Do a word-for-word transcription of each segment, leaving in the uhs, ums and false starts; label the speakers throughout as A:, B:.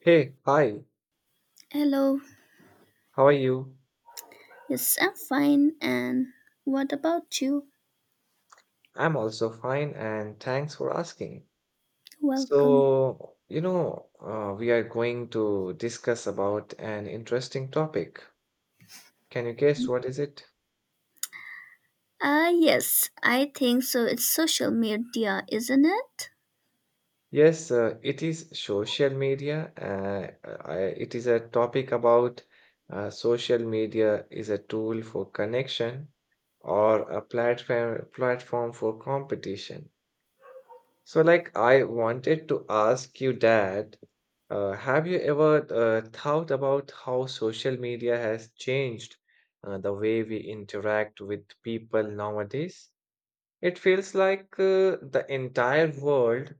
A: Hey, hi,
B: Hello.
A: how are you?
B: Yes, I'm fine. And what about you?
A: I'm also fine and thanks for asking.
B: Welcome.
A: So, you know, uh, we are going to discuss about an interesting topic. Can you guess what is it?
B: Ah, yes, I think so. It's social media, isn't it?
A: Yes, uh, it is social media. Uh, I- it is a topic about uh, social media is a tool for connection or a platform platform for competition. So, like, I wanted to ask you that, uh, have you ever uh, thought about how social media has changed uh, the way we interact with people nowadays? It feels like uh, the entire world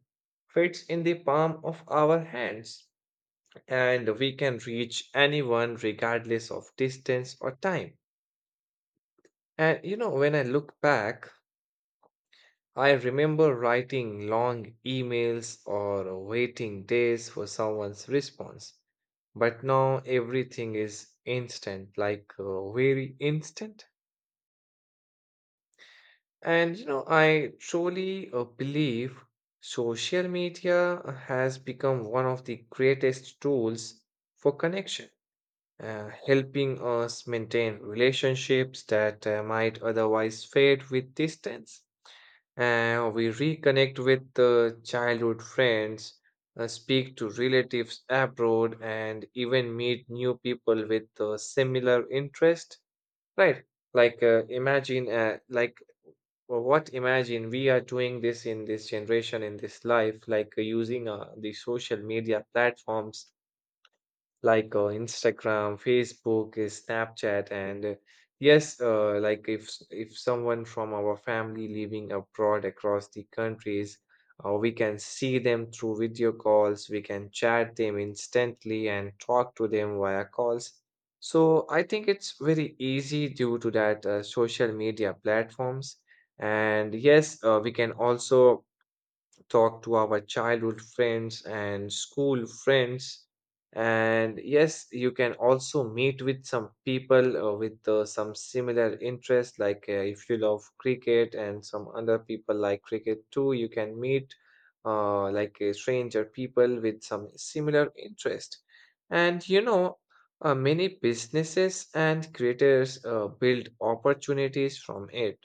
A: fits in the palm of our hands, and we can reach anyone regardless of distance or time. And you know, when I look back, I remember writing long emails or waiting days for someone's response. But now everything is instant, like uh, very instant. And you know, I truly uh, believe social media has become one of the greatest tools for connection, uh, helping us maintain relationships that uh, might otherwise fade with distance. Uh, we reconnect with uh, childhood friends, uh, speak to relatives abroad, and even meet new people with uh, similar interest. Right? Like uh, imagine, uh, like well, what Imagine we are doing this in this generation in this life, like uh, using uh, the social media platforms like uh, Instagram, Facebook, uh, Snapchat, and uh, yes, uh, like if s- if someone from our family living abroad across the countries, uh, we can see them through video calls. We can chat them instantly and talk to them via calls. So I think it's very easy due to that uh, social media platforms. And yes, uh, we can also talk to our childhood friends and school friends. And yes, you can also meet with some people uh, with uh, some similar interests, like uh, if you love cricket and some other people like cricket too, you can meet uh, like a stranger people with some similar interest. And you know, uh, many businesses and creators uh, build opportunities from it.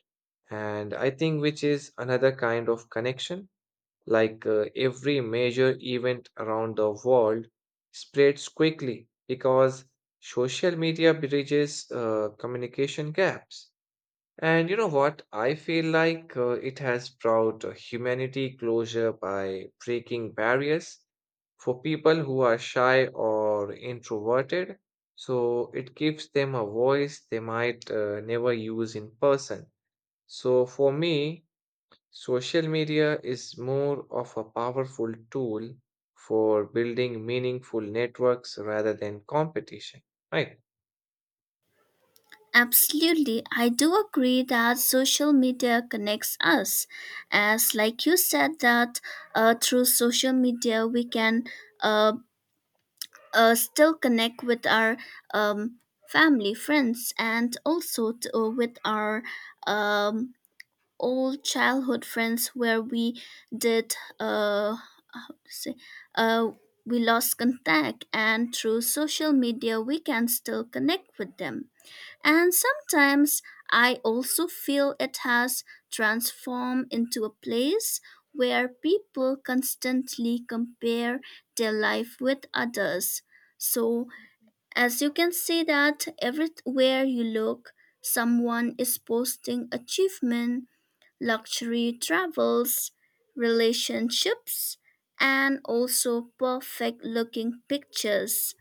A: And I think which is another kind of connection. Like uh, every major event around the world spreads quickly because social media bridges uh, communication gaps. And you know what? I feel like uh, it has brought uh, humanity closure by breaking barriers for people who are shy or introverted. So it gives them a voice they might uh, never use in person. So for me, social media is more of a powerful tool for building meaningful networks rather than competition, right?
B: Absolutely. I do agree that social media connects us. As like you said that uh, through social media we can uh, uh, still connect with our um, family, friends, and also t- uh, with our um, old childhood friends where we did uh, say, uh we lost contact, and through social media we can still connect with them. And sometimes I also feel it has transformed into a place where people constantly compare their life with others. So as you can see, that everywhere you look someone is posting achievement, luxury travels, relationships, and also perfect looking pictures.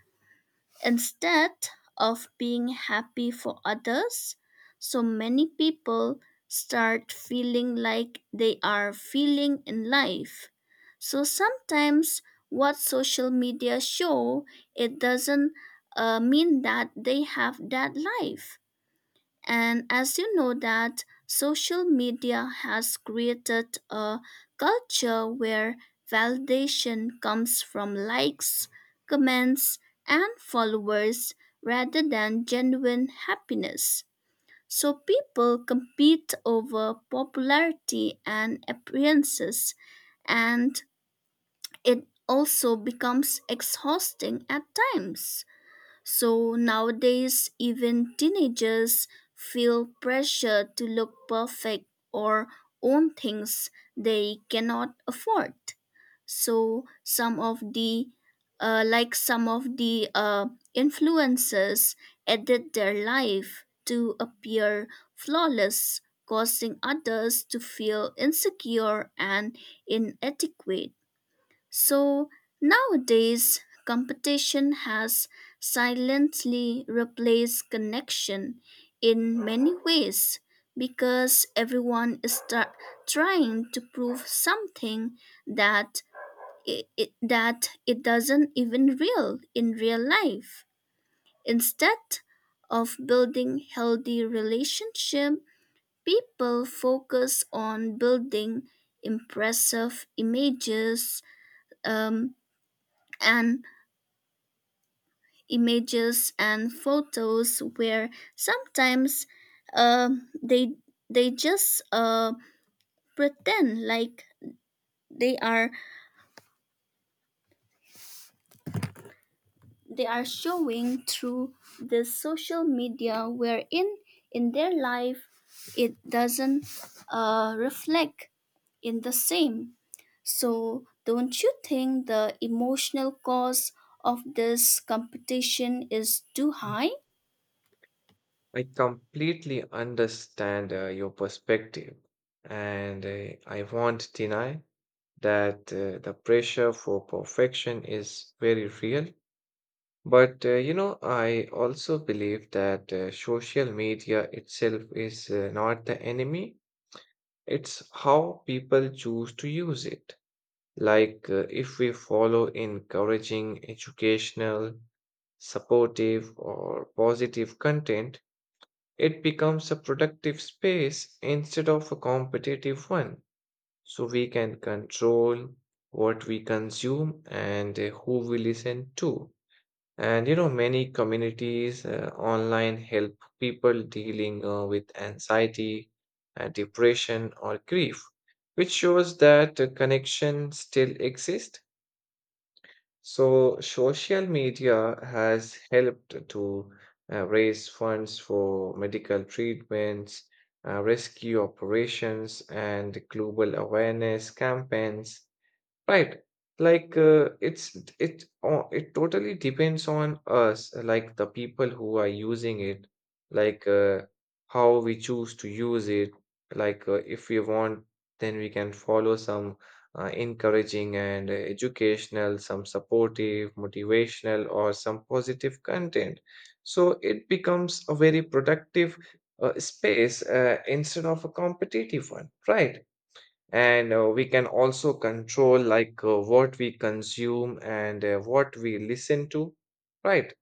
B: Instead of being happy for others, so many people start feeling like they are feeling in life. So sometimes what social media show, it doesn't uh, mean that they have that life. And as you know, that social media has created a culture where validation comes from likes, comments, and followers rather than genuine happiness. So people compete over popularity and appearances, and it also becomes exhausting at times. So nowadays, even teenagers feel pressure to look perfect or own things they cannot afford. So some of the, uh, like some of the uh, influencers edit their life to appear flawless, causing others to feel insecure and inadequate. So nowadays, competition has silently replaced connection in many ways, because everyone is tra- trying to prove something that it, it- that it doesn't even real in real life. Instead of building healthy relationship, people focus on building impressive images, um, and images and photos where sometimes uh, they they just uh, pretend like they are they are showing through the social media, wherein in their life it doesn't uh, reflect in the same. So don't you think the emotional cost of this competition is too
A: Mm.
B: high?
A: I completely understand uh, your perspective, and uh, I won't deny that uh, the pressure for perfection is very real. But uh, you know, I also believe that uh, social media itself is uh, not the enemy, it's how people choose to use it. Like, uh, if we follow encouraging, educational, supportive, or positive content, it becomes a productive space instead of a competitive one. So we can control what we consume and uh, who we listen to. And you know, many communities uh, online help people dealing uh, with anxiety, uh, depression, or grief, which shows that uh, connection still exists. So social media has helped to uh, raise funds for medical treatments, uh, rescue operations, and global awareness campaigns. Right. Like uh, it's it it o- it totally depends on us, like the people who are using it, like uh, how we choose to use it. Like uh, if we want, then we can follow some uh, encouraging and uh, educational, some supportive, motivational, or some positive content. So it becomes a very productive uh, space uh, instead of a competitive one, right? And uh, we can also control like uh, what we consume and uh, what we listen to, right?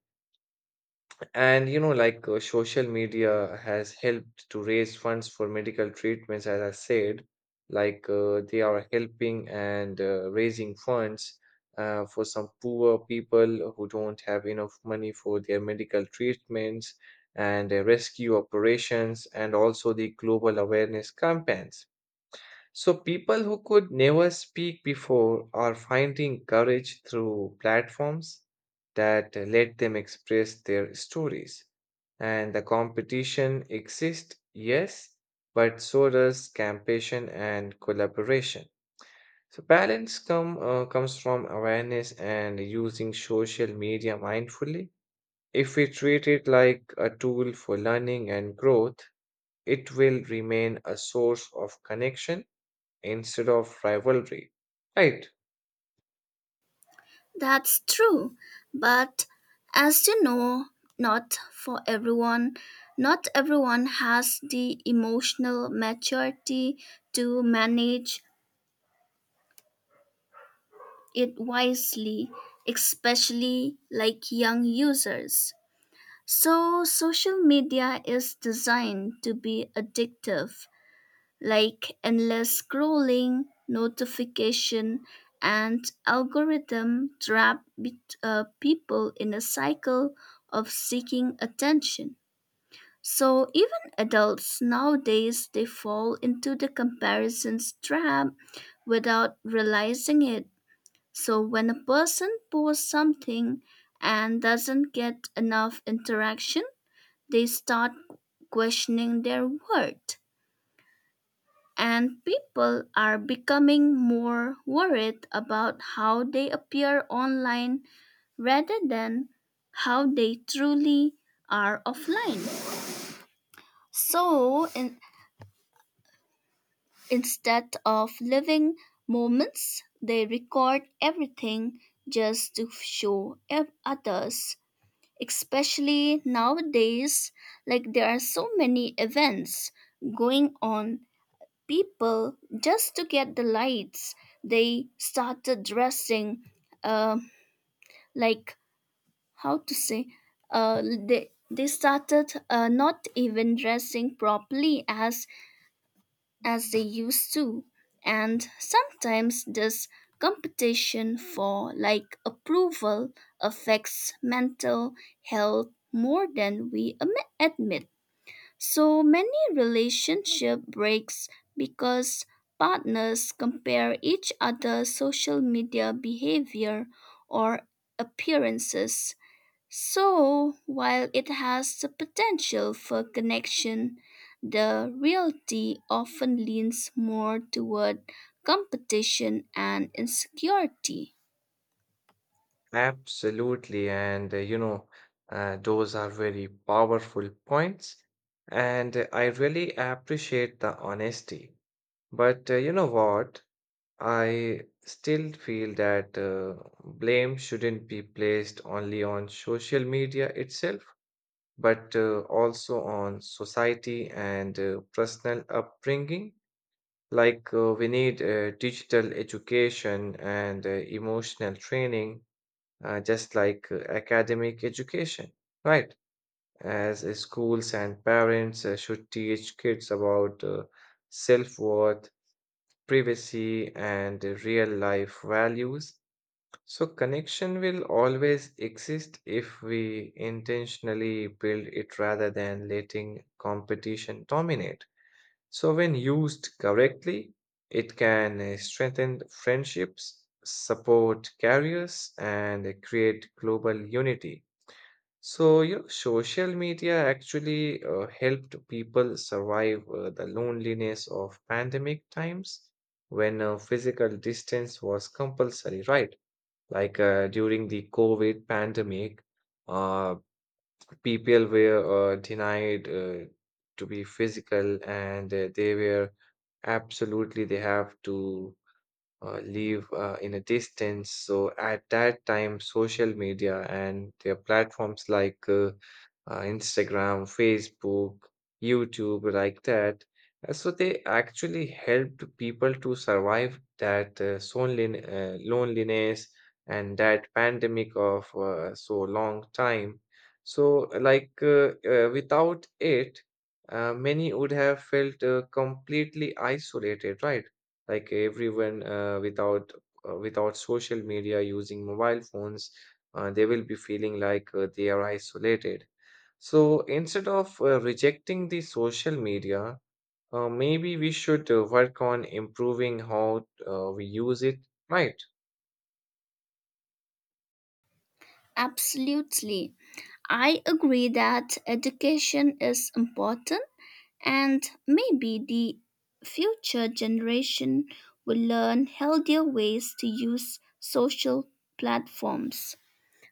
A: And you know, like uh, social media has helped to raise funds for medical treatments, as I said. Like uh, they are helping and uh, raising funds uh, for some poor people who don't have enough money for their medical treatments, and uh, rescue operations and also the global awareness campaigns. So people who could never speak before are finding courage through platforms that uh, let them express their stories. And the competition exists, yes, but so does campaign and collaboration. So, balance come, uh, comes from awareness and using social media mindfully. If we treat it like a tool for learning and growth, it will remain a source of connection instead of rivalry. Right,
B: That's true. But as you know, not for everyone, not everyone has the emotional maturity to manage it wisely, especially like young users. So, social media is designed to be addictive, like endless scrolling, notification, and algorithm trap bet- uh, people in a cycle of seeking attention. So even adults nowadays they fall into the comparisons trap without realizing it. So when a person posts something and doesn't get enough interaction, they start questioning their worth, and people are becoming more worried about how they appear online rather than how they truly are offline. So in, instead of living moments, they record everything just to show ev- others. Especially nowadays, like there are so many events going on, people just to get the lights they started dressing uh, like how to say, uh, they, they started uh, not even dressing properly as as they used to. And sometimes this competition for like approval affects mental health more than we am- admit. So many relationship breaks because partners compare each other's social media behavior or appearances. So while it has the potential for connection, the reality often leans more toward competition and insecurity.
A: absolutely. And uh, you know, uh, those are very powerful points. And uh, I really appreciate the honesty. But uh, you know what? I still feel that uh, blame shouldn't be placed only on social media itself, but uh, also on society and uh, personal upbringing. Like, uh, we need uh, digital education and uh, emotional training, uh, just like uh, academic education, right? As uh, schools and parents uh, should teach kids about uh, self-worth, privacy, and uh, real-life values. So, connection will always exist if we intentionally build it rather than letting competition dominate. So, when used correctly, it can uh, strengthen friendships, support careers, and uh, create global unity. So, you know, social media actually uh, helped people survive uh, the loneliness of pandemic times when uh, physical distance was compulsory, right? Like uh, during the COVID pandemic, uh, people were uh, denied uh, to be physical, and uh, they were. Absolutely, they have to uh, live uh, in a distance. So at that time, social media and their platforms like uh, uh, Instagram, Facebook, YouTube, like that. uh, So they actually helped people to survive that uh, solelin- uh, loneliness and that pandemic of uh, so long time. So like uh, uh, without it, uh, many would have felt uh, completely isolated, right? Like everyone uh, without uh, without social media using mobile phones, uh, they will be feeling like uh, they are isolated. So instead of uh, rejecting the social media, uh, maybe we should uh, work on improving how uh, we use it, right?
B: Absolutely. I agree that education is important. And maybe the future generation will learn healthier ways to use social platforms.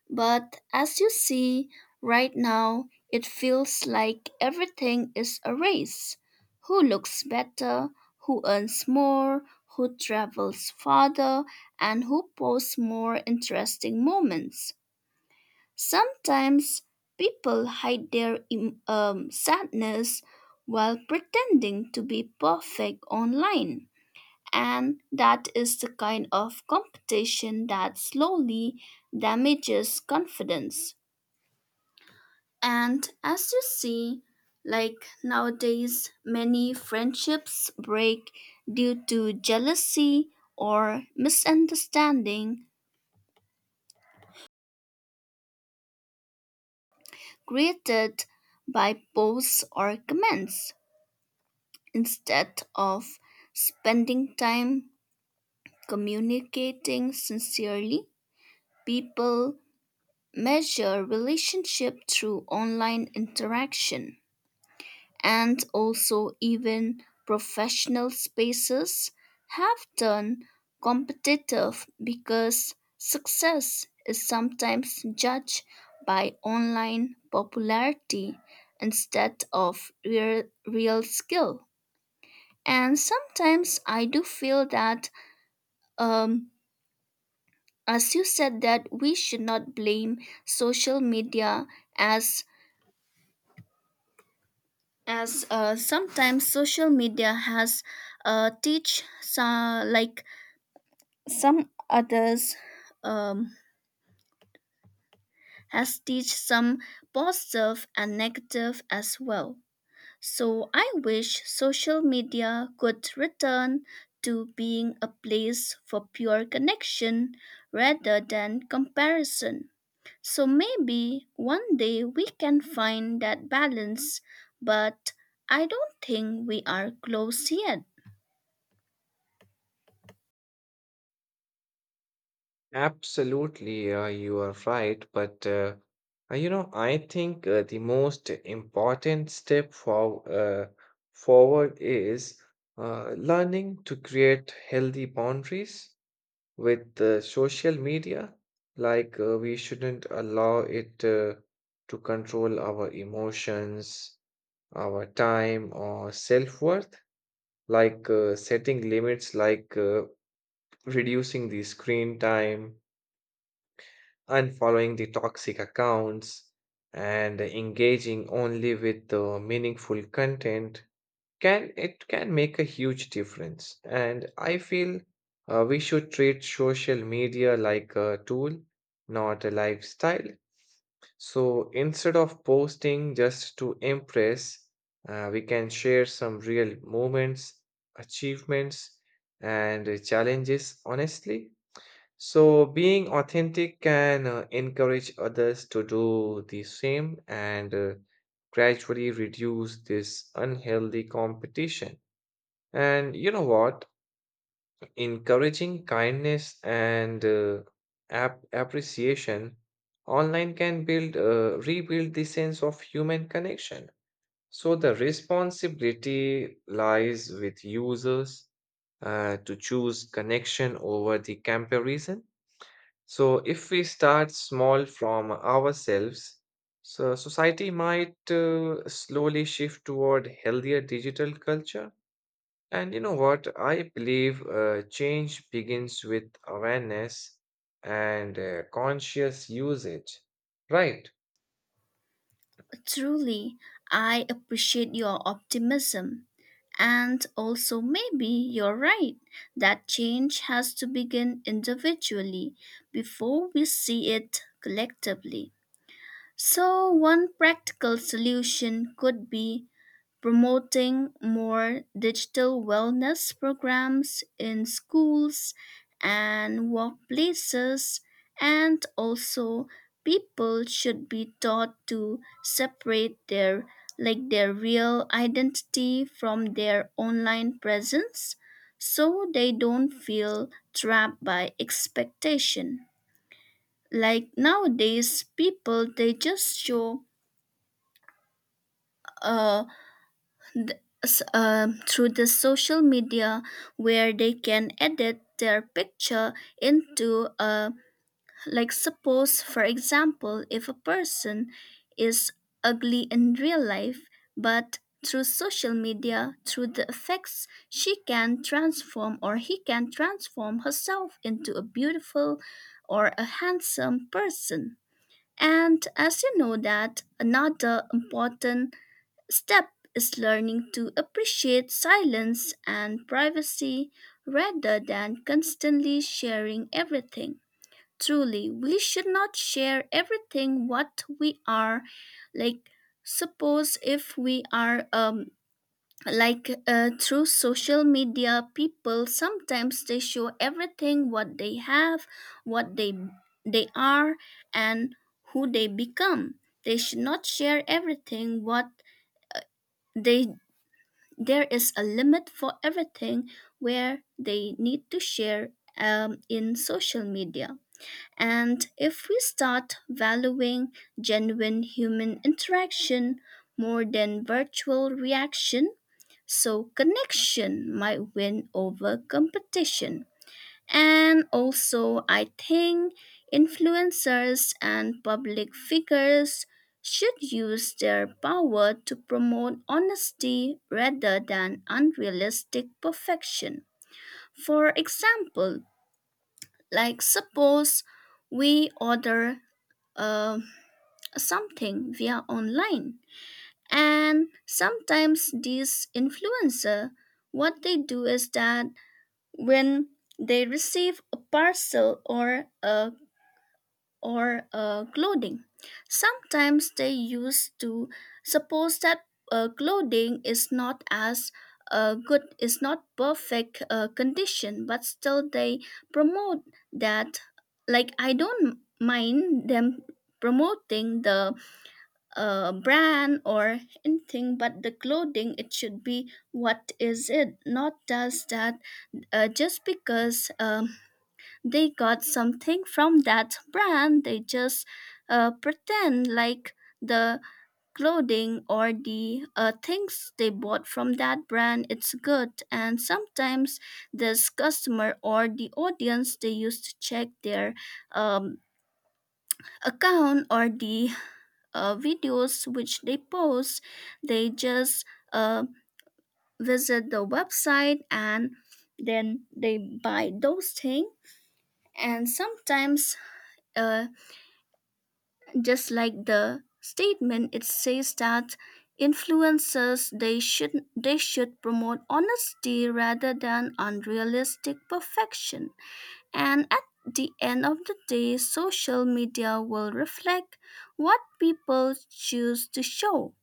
B: But as you see right now, it feels like everything is a race. Who looks better, who earns more, who travels farther, and who posts more interesting moments. Sometimes people hide their em- um, sadness while pretending to be perfect online. And that is the kind of competition that slowly damages confidence. And as you see, like nowadays, many friendships break due to jealousy or misunderstanding created by posts or comments. Instead of spending time communicating sincerely, people measure relationship through online interaction, and also even professional spaces have turned competitive because success is sometimes judged by online popularity instead of real, real skill. And sometimes I do feel that, um, as you said, that we should not blame social media as as uh, sometimes social media has uh, teach some like some others, um, has teach some positive and negative as well. So I wish social media could return to being a place for pure connection rather than comparison. So maybe one day we can find that balance, but I don't think we are close yet.
A: Absolutely, uh, you are right. But uh, uh, you know, I think uh, the most important step for uh, forward is uh, learning to create healthy boundaries with uh, social media. Like uh, we shouldn't allow it uh, to control our emotions, our time, or self-worth. Like uh, setting limits, like uh, reducing the screen time, unfollowing the toxic accounts, and engaging only with the meaningful content can it can make a huge difference. And I feel uh, we should treat social media like a tool, not a lifestyle. So instead of posting just to impress, uh, we can share some real moments, achievements, and challenges honestly. So, being authentic can uh, encourage others to do the same and uh, gradually reduce this unhealthy competition. And you know what? Encouraging kindness and uh, ap- appreciation online can build, uh, rebuild the sense of human connection. So, the responsibility lies with users uh, to choose connection over the comparison. So, if we start small from ourselves, so society might uh, slowly shift toward healthier digital culture. And you know what? I believe uh, change begins with awareness and uh, conscious usage. Right.
B: Truly, I appreciate your optimism. And also, maybe you're right that change has to begin individually before we see it collectively. So, one practical solution could be promoting more digital wellness programs in schools and workplaces, and also people should be taught to separate their like their real identity from their online presence, so they don't feel trapped by expectation. Like nowadays people they just show uh s- um, through the social media where they can edit their picture into a, like suppose for example, if a person is ugly in real life, but through social media through the effects she can transform or he can transform herself into a beautiful or a handsome person. And as you know, that another important step is learning to appreciate silence and privacy rather than constantly sharing everything. Truly, we should not share everything what we are. Like, suppose if we are um like uh, through social media people sometimes they show everything what they have, what they they are and who they become. They should not share everything what they, there is a limit for everything where they need to share um, in social media. And if we start valuing genuine human interaction more than virtual reaction, so connection might win over competition. And also, I think influencers and public figures should use their power to promote honesty rather than unrealistic perfection. For example, like suppose we order uh, something via online, and sometimes these influencer what they do is that when they receive a parcel or a or uh, clothing. Sometimes they used to suppose that uh, clothing is not as uh, good, is not perfect uh, condition, but still they promote that. Like I don't mind them promoting the uh, brand or anything, but the clothing it should be what is it, not just that uh, just because. Um, they got something from that brand. They just uh, pretend like the clothing or the uh, things they bought from that brand it's good. And sometimes this customer or the audience they used to check their um, account or the uh, videos which they post, they just uh, visit the website and then they buy those things. And sometimes, uh, just like the statement, it says that influencers they should they should promote honesty rather than unrealistic perfection. And at the end of the day, social media will reflect what people choose to show.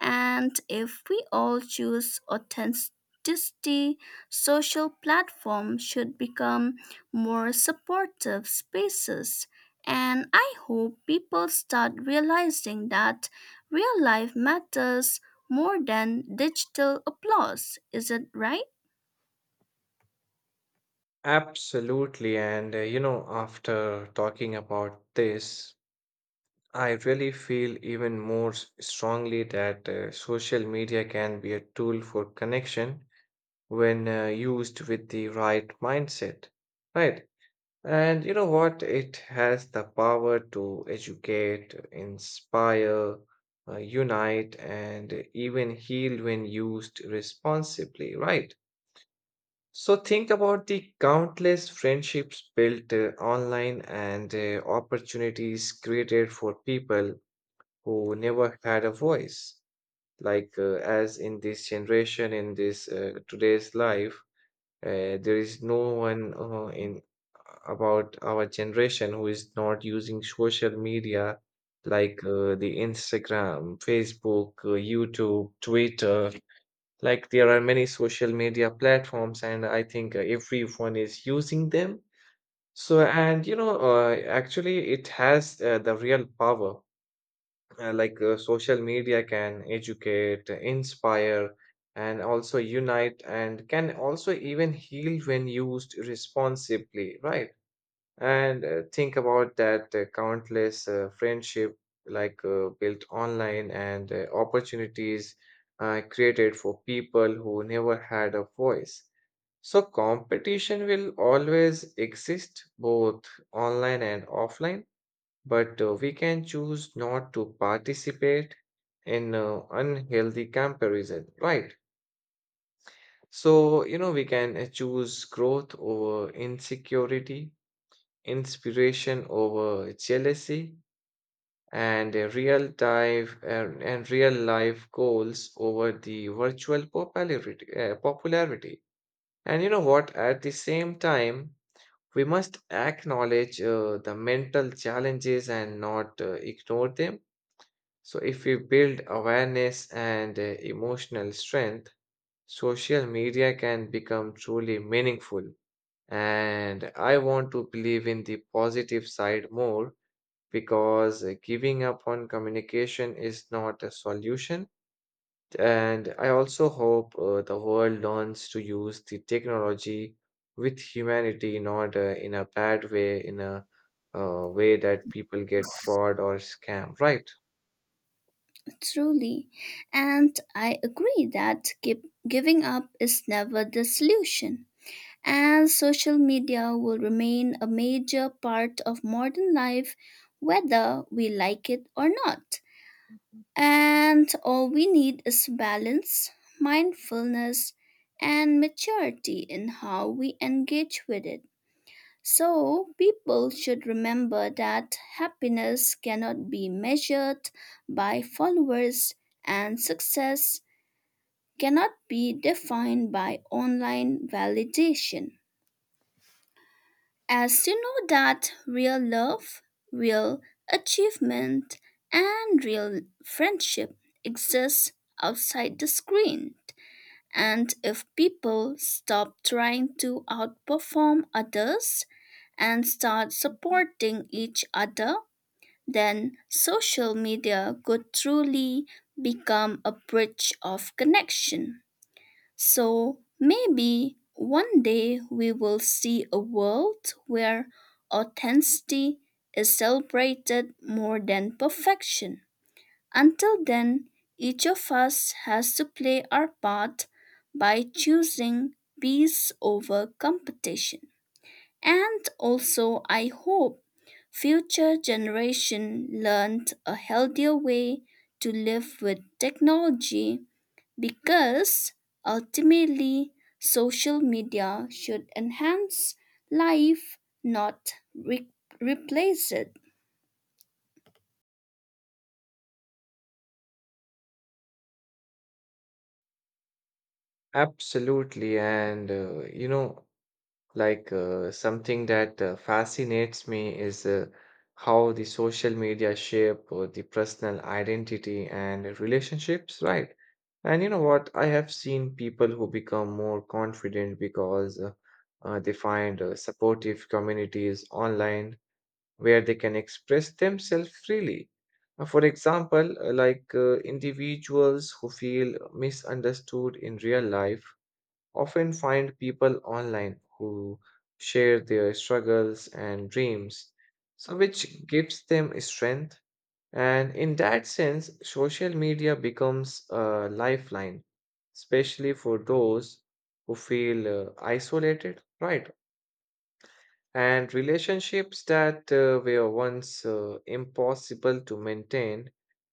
B: And if we all choose authenticity, social platforms should become more supportive spaces. And I hope people start realizing that real life matters more than digital applause. Is it right?
A: Absolutely. And uh, you know, after talking about this, I really feel even more s- strongly that uh, social media can be a tool for connection when uh, used with the right mindset, right? And you know what? It has the power to educate, inspire, uh, unite, and even heal when used responsibly, right? So think about the countless friendships built uh, online and uh, opportunities created for people who never had a voice. Like uh, as in this generation, in this uh, today's life, uh, there is no one uh, in about our generation who is not using social media, like uh, the Instagram, Facebook, uh, YouTube, Twitter. Like there are many social media platforms, and I think uh, everyone is using them. So, and you know, uh, actually, it has uh, the real power. Uh, like uh, social media can educate, inspire, and also unite, and can also even heal when used responsibly, right? And uh, think about that uh, countless uh, friendship like uh, built online and uh, opportunities uh, created for people who never had a voice. So competition will always exist both online and offline, but uh, we can choose not to participate in uh, unhealthy comparison, right? So, you know, we can uh, choose growth over insecurity, inspiration over jealousy, and uh, real time and, and real life goals over the virtual popularity, uh, popularity. And you know what? At the same time, we must acknowledge uh, the mental challenges and not uh, ignore them. So, if we build awareness and uh, emotional strength, social media can become truly meaningful. And I want to believe in the positive side more because uh, giving up on communication is not a solution. And I also hope uh, the world learns to use the technology with humanity, not uh, in a bad way, in a uh, way that people get fraud or scam, right?
B: Truly. And I agree that give, giving up is never the solution. And social media will remain a major part of modern life, whether we like it or not. And all we need is balance, mindfulness, and maturity in how we engage with it. So, people should remember that happiness cannot be measured by followers, and success cannot be defined by online validation. As you know, that real love, real achievement, and real friendship exists outside the screen. And if people stop trying to outperform others and start supporting each other, then social media could truly become a bridge of connection. So maybe one day we will see a world where authenticity is celebrated more than perfection. Until then, each of us has to play our part by choosing peace over competition. And also, I hope future generation learned a healthier way to live with technology, because ultimately social media should enhance life, not re- replace it.
A: Absolutely. And, uh, you know, like uh, something that uh, fascinates me is uh, how the social media shape uh, the personal identity and relationships, right? And you know what? I have seen people who become more confident because uh, uh, they find uh, supportive communities online where they can express themselves freely. Uh, For example, uh, like uh, individuals who feel misunderstood in real life often find people online who share their struggles and dreams, so which gives them strength. And in that sense, social media becomes a lifeline, especially for those who feel uh, isolated, right? And relationships that uh, were once uh, impossible to maintain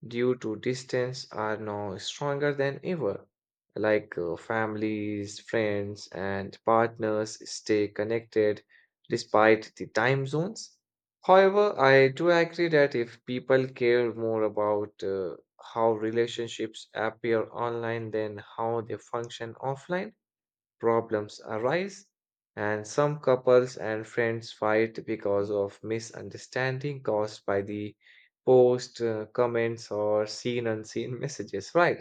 A: due to distance are now stronger than ever. Like uh, families, friends, and partners stay connected despite the time zones. However, I do agree that if people care more about uh, how relationships appear online than how they function offline, problems arise, and some couples and friends fight because of misunderstanding caused by the post, uh, comments, or seen unseen messages, right?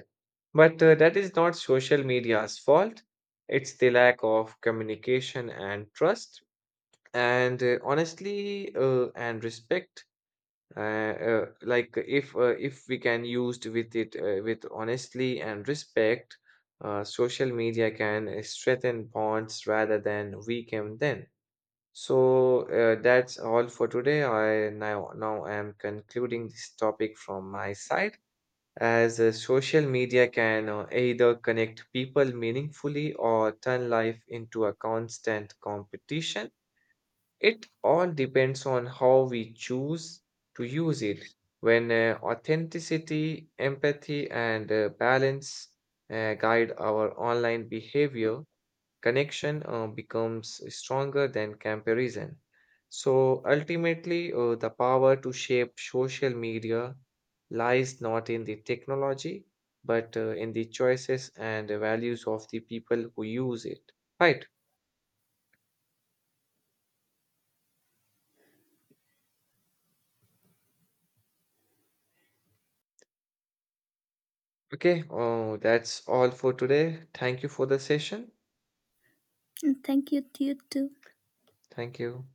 A: But uh, that is not social media's fault. It's the lack of communication and trust, and uh, honestly, uh, and respect. Uh, uh, like if uh, if we can used with it uh, with honestly and respect, uh, social media can uh, strengthen bonds rather than weaken them. So uh, that's all for today. I now now am concluding this topic from my side. As uh, social media can uh, either connect people meaningfully or turn life into a constant competition, it all depends on how we choose to use it. When uh, authenticity, empathy, and uh, balance uh, guide our online behavior, connection uh, becomes stronger than comparison. So ultimately, uh, the power to shape social media lies not in the technology, but uh, in the choices and values of the people who use it. Right. Okay. Oh, that's all for today. Thank you for the session.
B: And thank you to you too.
A: Thank you.